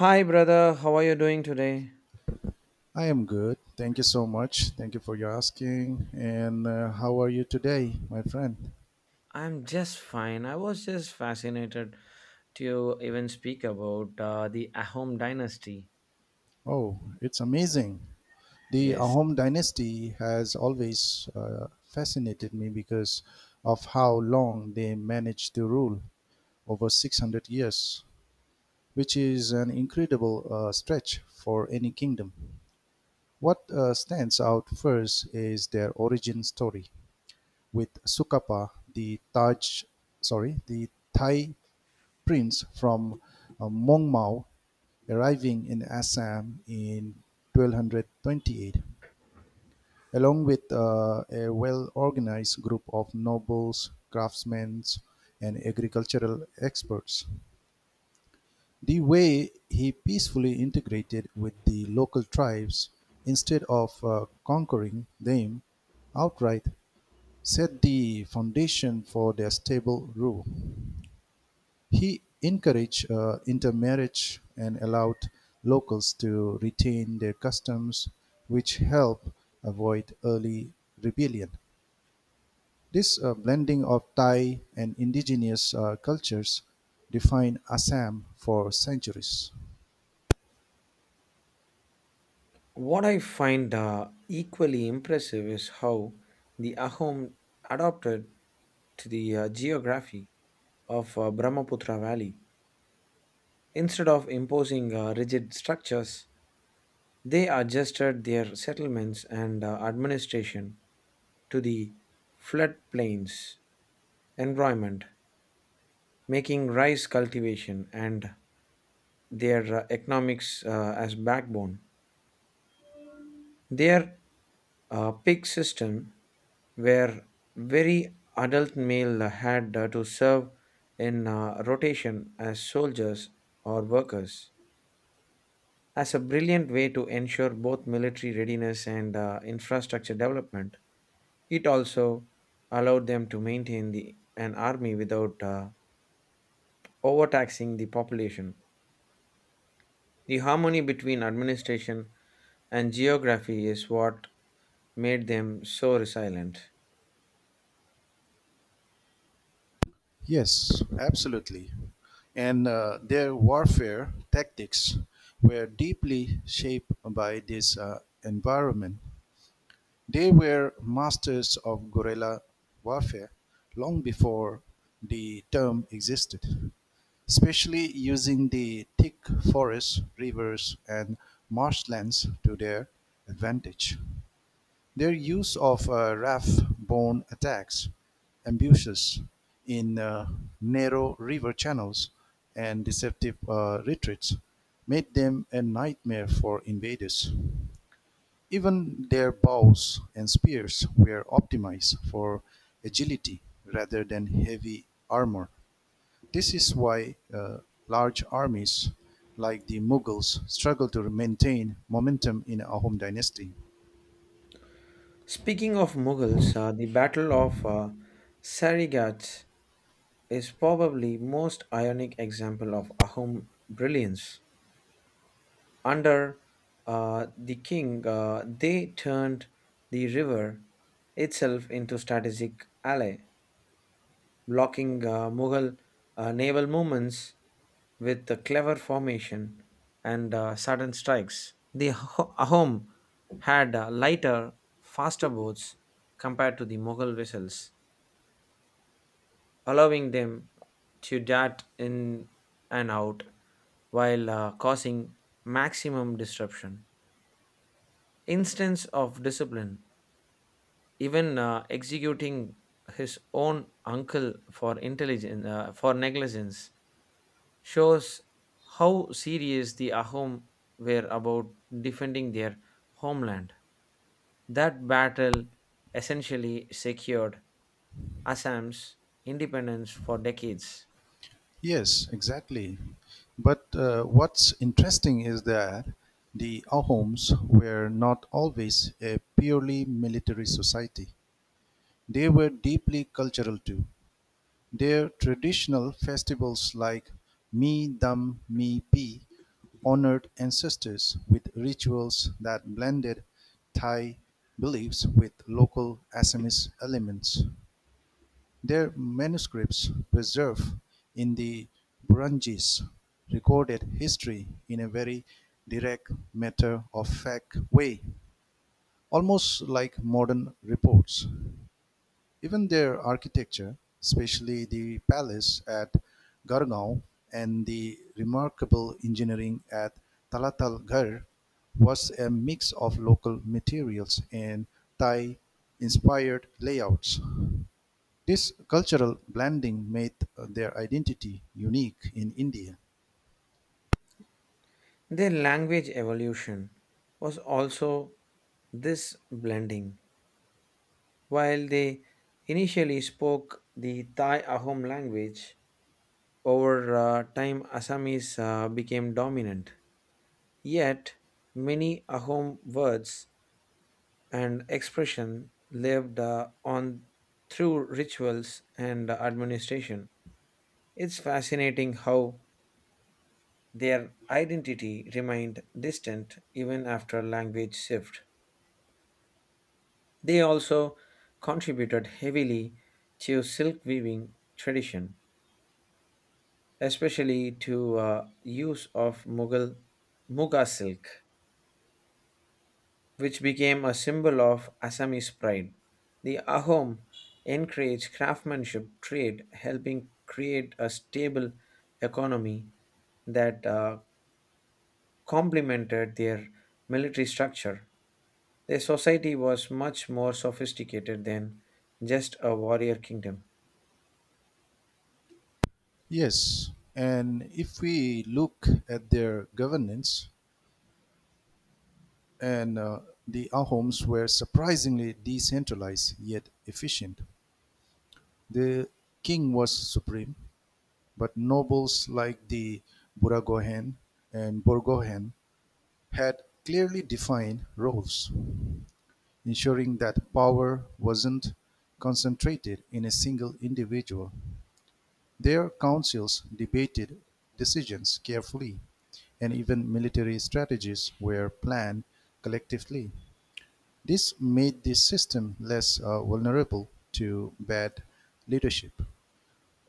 Hi, brother. How are you doing today? I am good. Thank you so much. Thank you for your asking. And how are you today, my friend? I'm just fine. I was just fascinated to even speak about the Ahom dynasty. Oh, it's amazing. The Yes. Ahom dynasty has always fascinated me because of how long they managed to rule over 600 years, which is an incredible stretch for any kingdom. What stands out first is their origin story with Sukapa, the Taj, sorry, the Thai prince from Mongmao arriving in Assam in 1228, along with a well organized group of nobles, craftsmen, and agricultural experts. The way he peacefully integrated with the local tribes instead of conquering them outright set the foundation for their stable rule. He encouraged intermarriage and allowed locals to retain their customs, which helped avoid early rebellion. This blending of Thai and indigenous cultures defined Assam for centuries. What I find equally impressive is how the Ahom adapted to the geography of Brahmaputra Valley. Instead of imposing rigid structures, they adjusted their settlements and administration to the floodplains environment, making rice cultivation and their economics as backbone. Their pig system, where very adult male had to serve in rotation as soldiers or workers, as a brilliant way to ensure both military readiness and infrastructure development. It also allowed them to maintain an army without overtaxing the population. The harmony between administration and geography is what made them so resilient. Yes, absolutely. And their warfare tactics were deeply shaped by this environment. They were masters of guerrilla warfare long before the term existed, especially using the thick forests, rivers, and marshlands to their advantage. Their use of raft-borne attacks, ambushes in narrow river channels, and deceptive retreats made them a nightmare for invaders. Even their bows and spears were optimized for agility rather than heavy armor. This is why large armies like the Mughals struggled to maintain momentum in Ahom dynasty. Speaking of Mughals, the Battle of Sarighat is probably most ionic example of Ahom brilliance. Under the king, they turned the river itself into strategic ally, blocking Mughal naval movements with a clever formation and sudden strikes. Ahom had lighter, faster boats compared to the Mughal vessels, allowing them to dart in and out while causing maximum disruption. Instance of discipline, even executing his own uncle for intelligence for negligence shows how serious the Ahom were about defending their homeland. That battle essentially secured Assam's independence for decades. Yes, exactly. But what's interesting is that the Ahoms were not always a purely military society. They were deeply cultural too. Their traditional festivals like "Mi Dam Mi Pi" honored ancestors with rituals that blended Thai beliefs with local Assamese elements. Their manuscripts preserved in the Burunjis recorded history in a very direct, matter-of-fact way, almost like modern reports. Even their architecture, especially the palace at Gurgaon and the remarkable engineering at Talatalgarh, was a mix of local materials and Thai inspired layouts. This cultural blending made their identity unique in India. Their language evolution was also this blending. While they initially spoke the Thai Ahom language, over time Assamese became dominant. Yet, many Ahom words and expression lived on through rituals and administration. It's fascinating how their identity remained distant even after language shift. They also contributed heavily to silk weaving tradition, especially to use of Mughal Muga silk, which became a symbol of Assamese pride. The ahom encouraged craftsmanship trade, helping create a stable economy that complemented their military structure. Their society was much more sophisticated than just a warrior kingdom. Yes, and if we look at their governance, and the Ahoms were surprisingly decentralized yet efficient. The king was supreme, but nobles like the Buragohen and Borgohen had clearly defined roles, ensuring that power wasn't concentrated in a single individual. Their councils debated decisions carefully, and even military strategies were planned collectively. This made the system less vulnerable to bad leadership.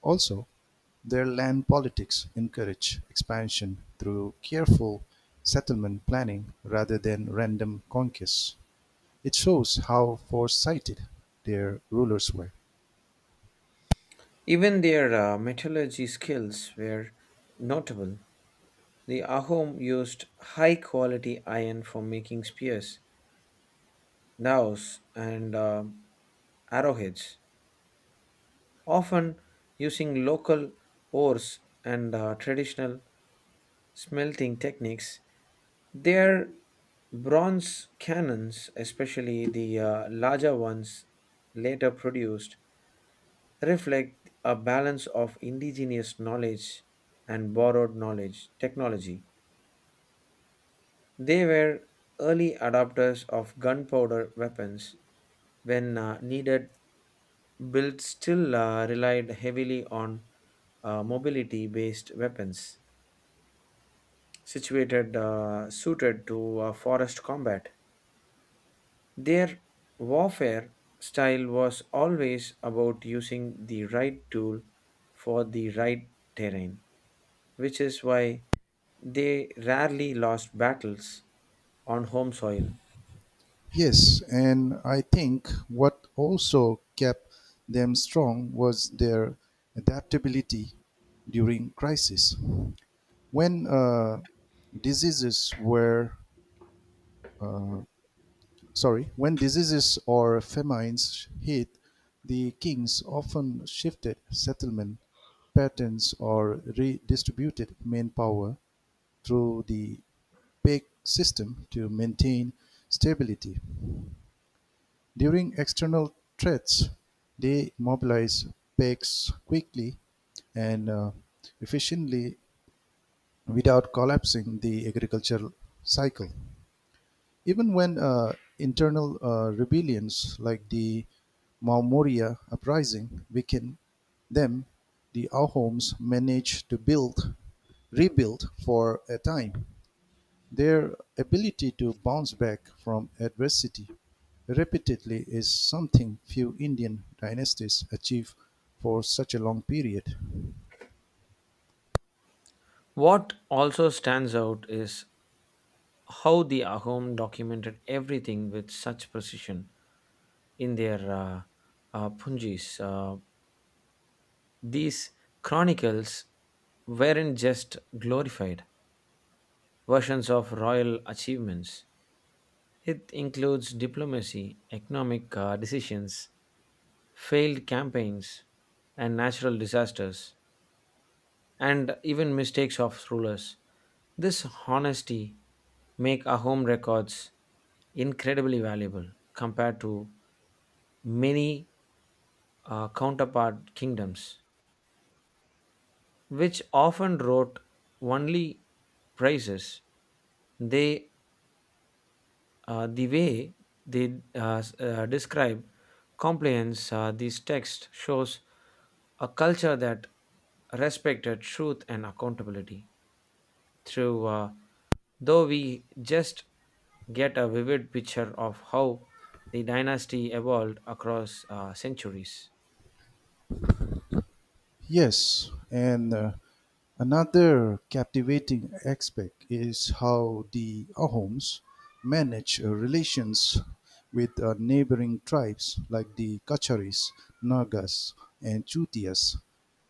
Also, their land politics encourage expansion through careful settlement planning rather than random conquests. It shows how foresighted their rulers were. Even their metallurgy skills were notable. The Ahom used high quality iron for making spears, dowels, and arrowheads, often using local ores and traditional smelting techniques. Their bronze cannons, especially the larger ones later produced, reflect a balance of indigenous knowledge and borrowed knowledge technology. They were early adopters of gunpowder weapons when needed, built still relied heavily on mobility based weapons situated suited to forest combat. Their warfare style was always about using the right tool for the right terrain, which is why they rarely lost battles on home soil. Yes, and I think what also kept them strong was their adaptability during crisis. When uh, diseases were uh, when diseases or famines hit, the kings often shifted settlement patterns or redistributed manpower through the Peg system to maintain stability. During external threats, they mobilize pegs quickly and efficiently without collapsing the agricultural cycle. Even when internal rebellions like the Mamoria uprising weakened them, the Ahoms managed to build, rebuild for a time. Their ability to bounce back from adversity repeatedly is something few Indian dynasties achieve for such a long period. What also stands out is how the Ahom documented everything with such precision in their punjis. These chronicles weren't just glorified versions of royal achievements. It includes diplomacy, economic decisions, failed campaigns, and natural disasters and even mistakes of rulers. This honesty make our home records incredibly valuable compared to many counterpart kingdoms, which often wrote only praises. They the way they describe compliance. This text shows a culture that respected truth and accountability. Through though we just get a vivid picture of how the dynasty evolved across centuries. Yes, and another captivating aspect is how the Ahoms manage relations with neighboring tribes like the Kacharis, Nagas, and Chutias.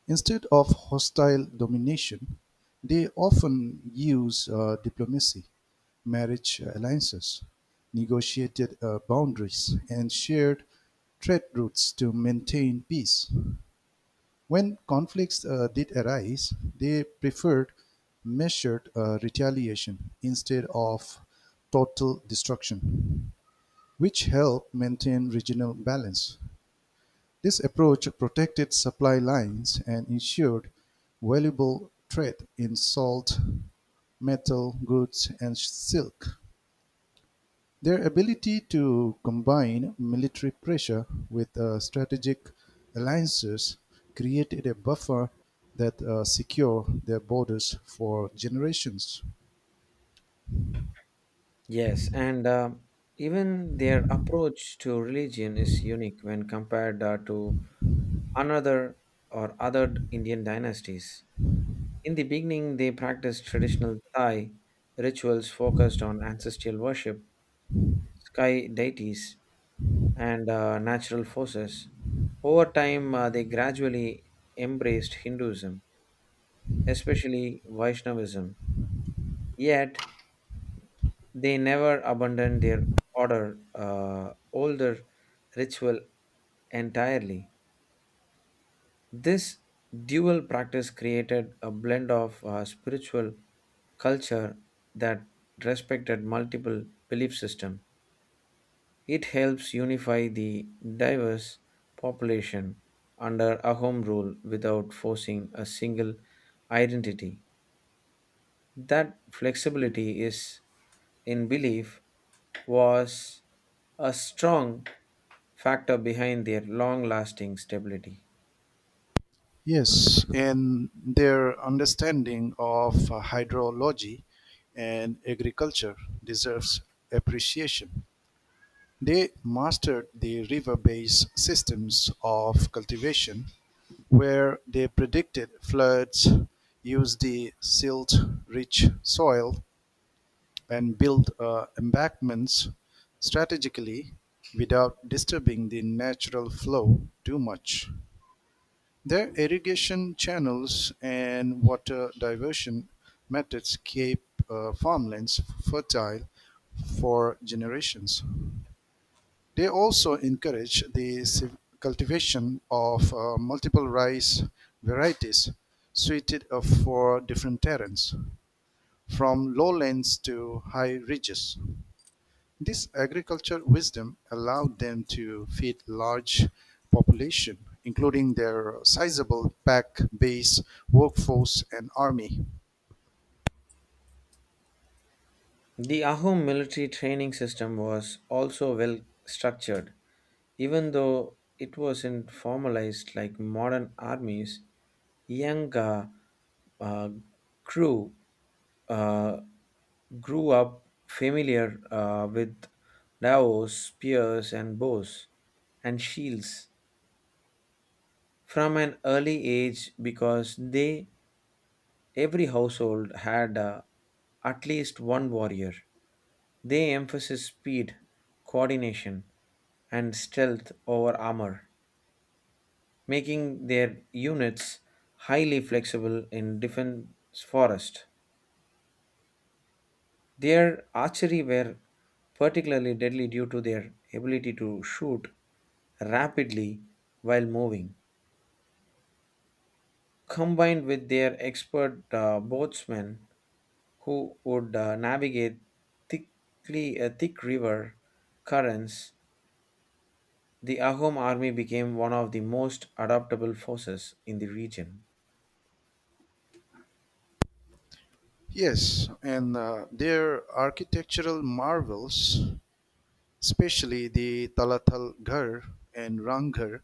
Instead of hostile domination, they often use diplomacy, marriage alliances, negotiated boundaries, and shared trade routes to maintain peace. When conflicts did arise, they preferred measured retaliation instead of total destruction, which helped maintain regional balance. This approach protected supply lines and ensured valuable trade in salt, metal, goods, and silk. Their ability to combine military pressure with strategic alliances created a buffer that secured their borders for generations. Yes, and even their approach to religion is unique when compared to another or other Indian dynasties. In the beginning, they practiced traditional Thai rituals focused on ancestral worship, sky deities, and natural forces. Over time, they gradually embraced Hinduism, especially Vaishnavism. Yet, they never abandoned their older ritual entirely. This dual practice created a blend of spiritual culture that respected multiple belief systems. It helps unify the diverse population under Ahom rule without forcing a single identity. That flexibility is, in belief, was a strong factor behind their long lasting stability. Yes, and their understanding of hydrology and agriculture deserves appreciation. They mastered the river-based systems of cultivation, where they predicted floods, used the silt-rich soil, and built embankments strategically without disturbing the natural flow too much. Their irrigation channels and water diversion methods keep farmlands fertile for generations. They also encourage the cultivation of multiple rice varieties suited for different terrains, from lowlands to high ridges. This agriculture wisdom allowed them to feed large population, including their sizable pack base, workforce, and army. The Ahom military training system was also well structured. Even though it wasn't formalized like modern armies, young uh, crew uh, grew up familiar with daws, spears, and bows and shields from an early age because they every household had at least one warrior. They emphasized speed, coordination, and stealth over armor, making their units highly flexible in defense forest. Their archery were particularly deadly due to their ability to shoot rapidly while moving, combined with their expert boatsmen who would navigate thick river currents. The Ahom army became one of the most adaptable forces in the region. Yes, and their architectural marvels especially the Talatal Ghar and Ranghar.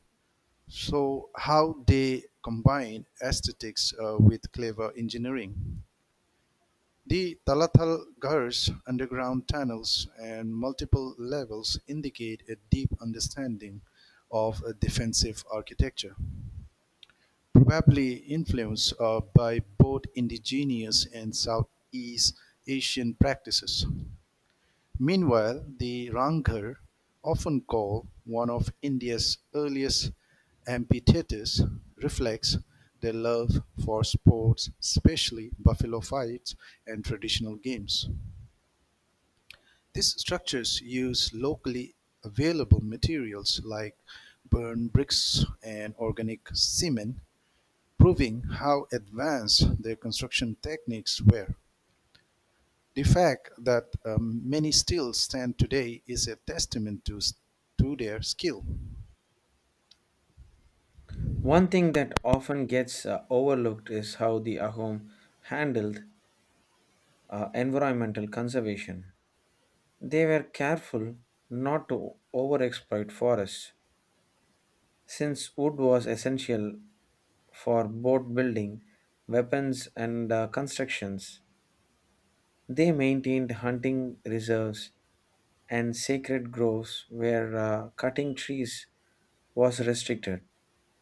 So, how they combine aesthetics with clever engineering. The Talatal Ghar's underground tunnels and multiple levels indicate a deep understanding of defensive architecture, probably influenced by both indigenous and Southeast Asian practices. Meanwhile, the Ranghar, often called one of India's earliest amphitheatres, reflects their love for sports, especially buffalo fights and traditional games. These structures use locally available materials like burnt bricks and organic cement, proving how advanced their construction techniques were. The fact that many still stand today is a testament to their skill. One thing that often gets overlooked is how the Ahom handled environmental conservation. They were careful not to overexploit forests, since wood was essential for boat building, weapons, and constructions. They maintained hunting reserves and sacred groves where cutting trees was restricted.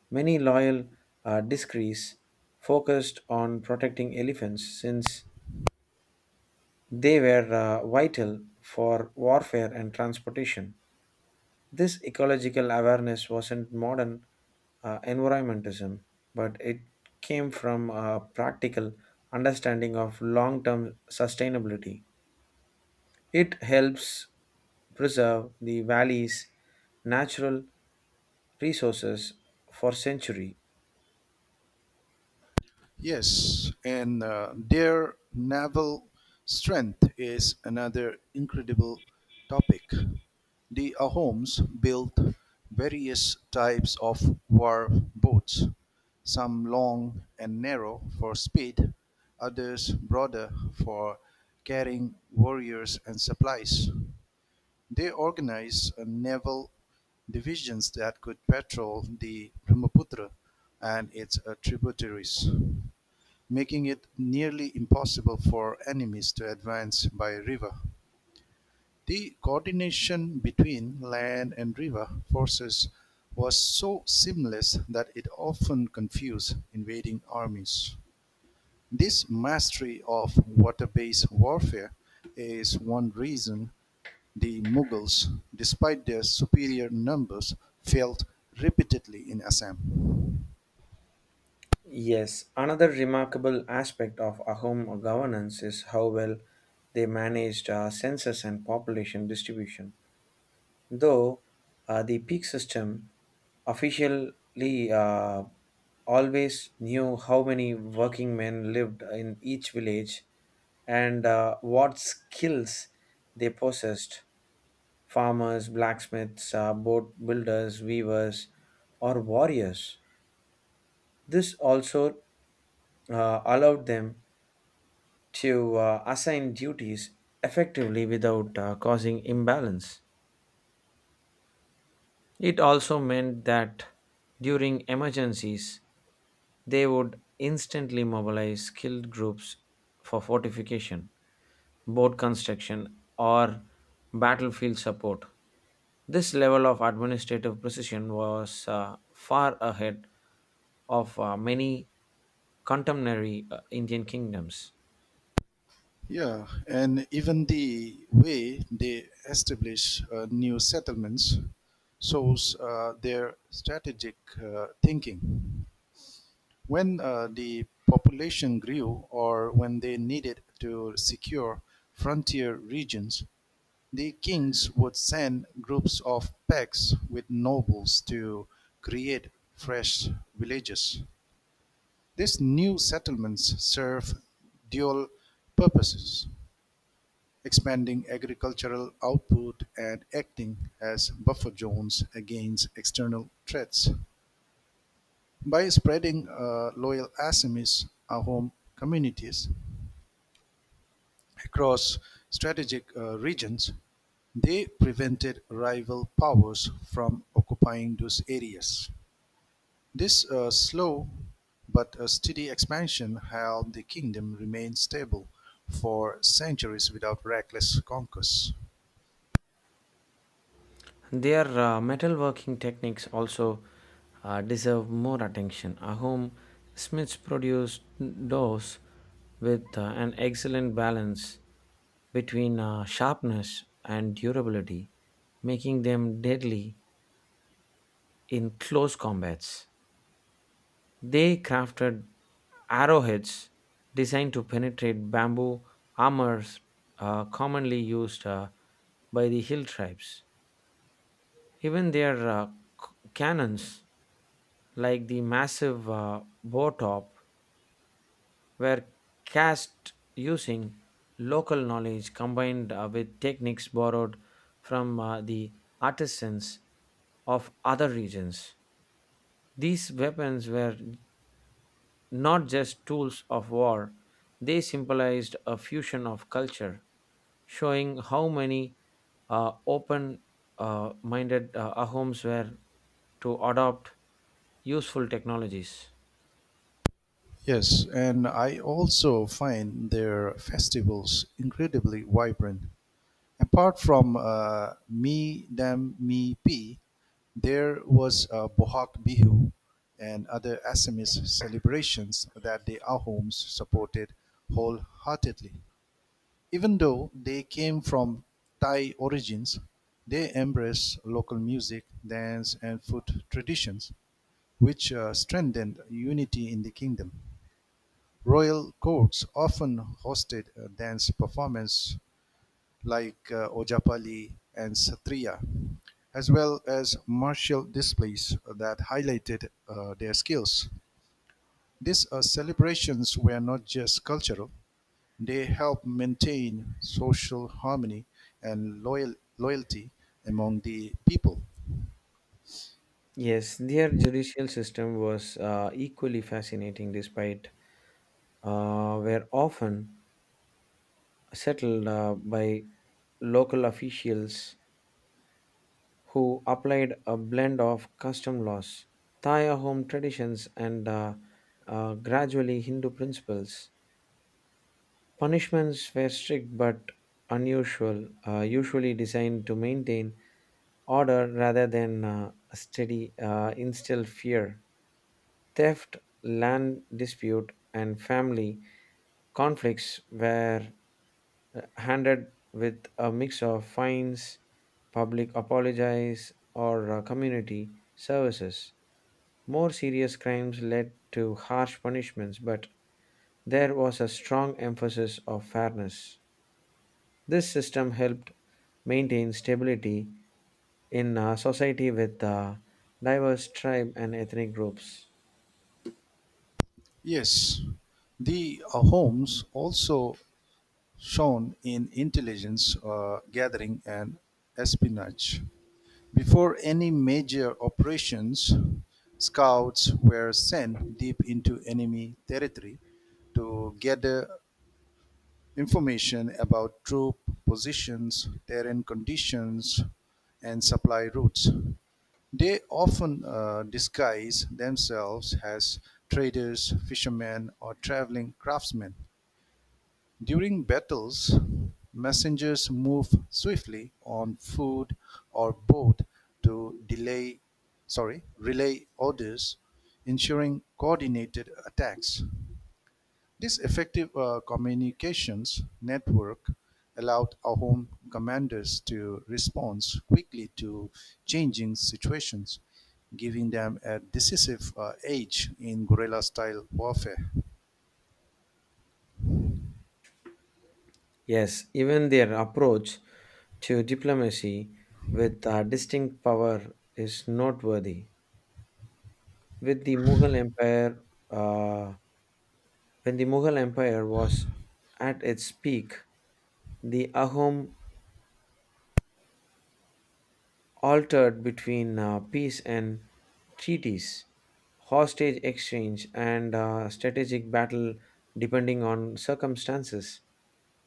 Many loyal discrees focused on protecting elephants since they were vital for warfare and transportation. This ecological awareness wasn't modern environmentalism, but it came from a practical understanding of long term sustainability. It helps preserve the valley's natural resources for centuries. Yes, and their naval strength is another incredible topic. The Ahoms built various types of war boats, some long and narrow for speed, others broader for carrying warriors and supplies. They organized naval divisions that could patrol the Brahmaputra and its tributaries, making it nearly impossible for enemies to advance by river. The coordination between land and river forces was so seamless that it often confused invading armies. This mastery of water based warfare is one reason the Mughals, despite their superior numbers, failed repeatedly in Assam. Yes, another remarkable aspect of Ahom governance is how well they managed census and population distribution. Though the peak system officially always knew how many working men lived in each village and what skills they possessed, farmers, blacksmiths, boat builders, weavers, or warriors. This also allowed them to assign duties effectively without causing imbalance. It also meant that during emergencies, they would instantly mobilize skilled groups for fortification, boat construction, or battlefield support. This level of administrative precision was far ahead of many contemporary Indian kingdoms. Yeah, and even the way they establish new settlements shows their strategic thinking. When the population grew or when they needed to secure frontier regions, the kings would send groups of packs with nobles to create fresh villages. These new settlements serve dual purposes, expanding agricultural output and acting as buffer zones against external threats. By spreading loyal Assamese home communities across strategic regions, they prevented rival powers from occupying those areas. This slow but steady expansion helped the kingdom remain stable for centuries without reckless conquest. Their metalworking techniques also deserve more attention. Ahom Smiths produced doors with an excellent balance between sharpness and durability, making them deadly in close combats. They crafted arrowheads designed to penetrate bamboo armors commonly used by the hill tribes. Even their c- cannons, like the massive bow top, were cast using local knowledge combined with techniques borrowed from the artisans of other regions. These weapons were not just tools of war, they symbolized a fusion of culture, showing how many open minded Ahoms were to adopt useful technologies. Yes, and I also find their festivals incredibly vibrant. Apart from Mi Dam Mi Pi, there was Bohak Bihu and other Assamese celebrations that the Ahoms supported wholeheartedly. Even though they came from Thai origins, they embraced local music, dance, and food traditions, which strengthened unity in the kingdom. Royal courts often hosted dance performances like Ojapali and Satriya, as well as martial displays that highlighted their skills. These celebrations were not just cultural, they help maintain social harmony and loyalty among the people. Yes, their judicial system was equally fascinating, despite were often settled by local officials who applied a blend of custom laws, Thai home traditions, and gradually Hindu principles. Punishments were strict but usually designed to maintain order rather than steady instill fear. Theft, land dispute, and family conflicts were handed with a mix of fines, public apologies, or community services. More serious crimes led to harsh punishments, but there was a strong emphasis of fairness. This system helped maintain stability in a society with diverse tribe and ethnic groups. Yes, the homes also shown in intelligence gathering and espionage. Before any major operations, scouts were sent deep into enemy territory to gather information about troop positions, terrain conditions, and supply routes. They often disguise themselves as traders, fishermen, or traveling craftsmen. During battles, messengers move swiftly on foot or boat to relay orders, ensuring coordinated attacks. This effective communications network allowed Ahom commanders to respond quickly to changing situations, giving them a decisive edge in guerrilla style warfare. Yes, even their approach to diplomacy with distinct power is noteworthy. With the Mughal Empire, uh, when the Mughal Empire was at its peak, the Ahom altered between peace and treaties, hostage exchange, and strategic battle depending on circumstances.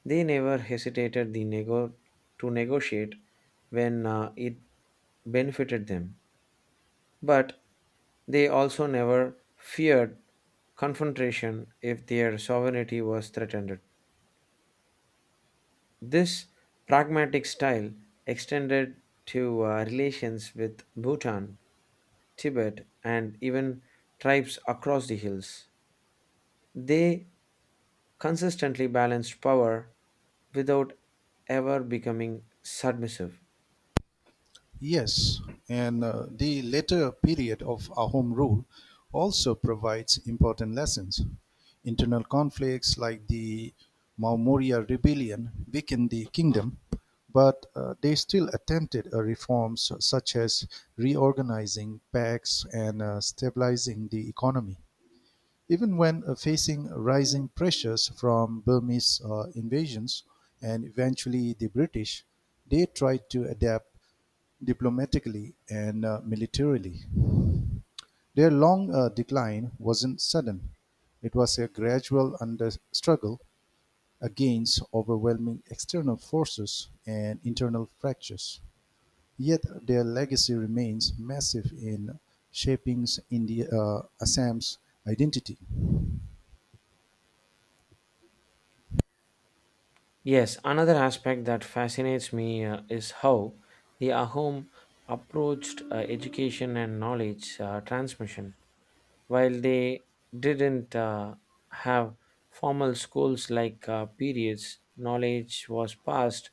They never hesitated the nego- to negotiate when it benefited them, but they also never feared confrontation if their sovereignty was threatened. This pragmatic style extended to relations with Bhutan, Tibet, and even tribes across the hills. They consistently balanced power without ever becoming submissive. Yes, and the later period of Ahom rule also provides important lessons. Internal conflicts like the Maumurya rebellion weakened the kingdom, but they still attempted reforms such as reorganizing pacts and stabilizing the economy. Even when facing rising pressures from Burmese invasions and eventually the British, they tried to adapt diplomatically and militarily. Their long decline wasn't sudden. It was a gradual under struggle against overwhelming external forces and internal fractures. Yet their legacy remains massive in shaping Assam's identity. Yes, another aspect that fascinates me is how the Ahom approached education and knowledge transmission. While they didn't have formal schools like periods, knowledge was passed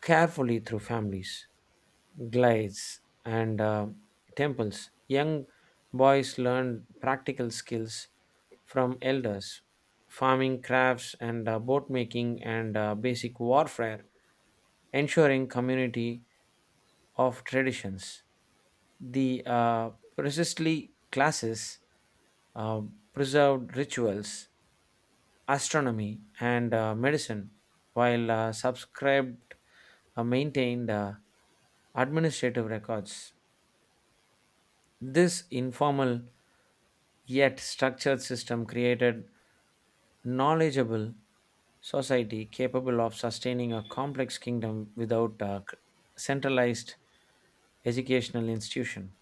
carefully through families, glides, and temples. Young boys learned practical skills from elders, farming crafts, and boat making, and basic warfare, ensuring community of traditions the precisely classes uh, preserved rituals, astronomy, and medicine, while subscribed maintained administrative records. This informal yet structured system created knowledgeable society capable of sustaining a complex kingdom without a centralized educational institution.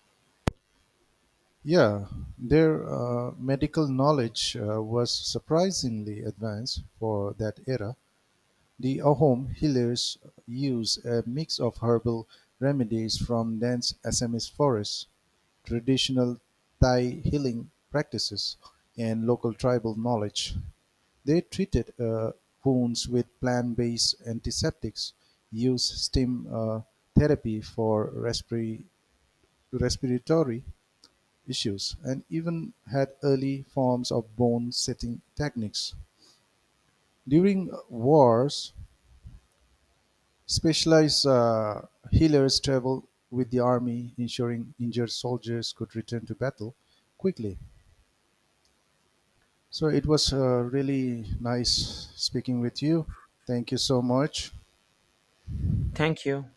Yeah, their medical knowledge was surprisingly advanced for that era. The Ahom healers use a mix of herbal remedies from dense Assamese forests, traditional Thai healing practices, and local tribal knowledge. They treated wounds with plant based antiseptics, used steam therapy for respiratory issues and even had early forms of bone setting techniques. During wars, specialized healers traveled with the army, ensuring injured soldiers could return to battle quickly. So it was really nice speaking with you. Thank you so much. Thank you.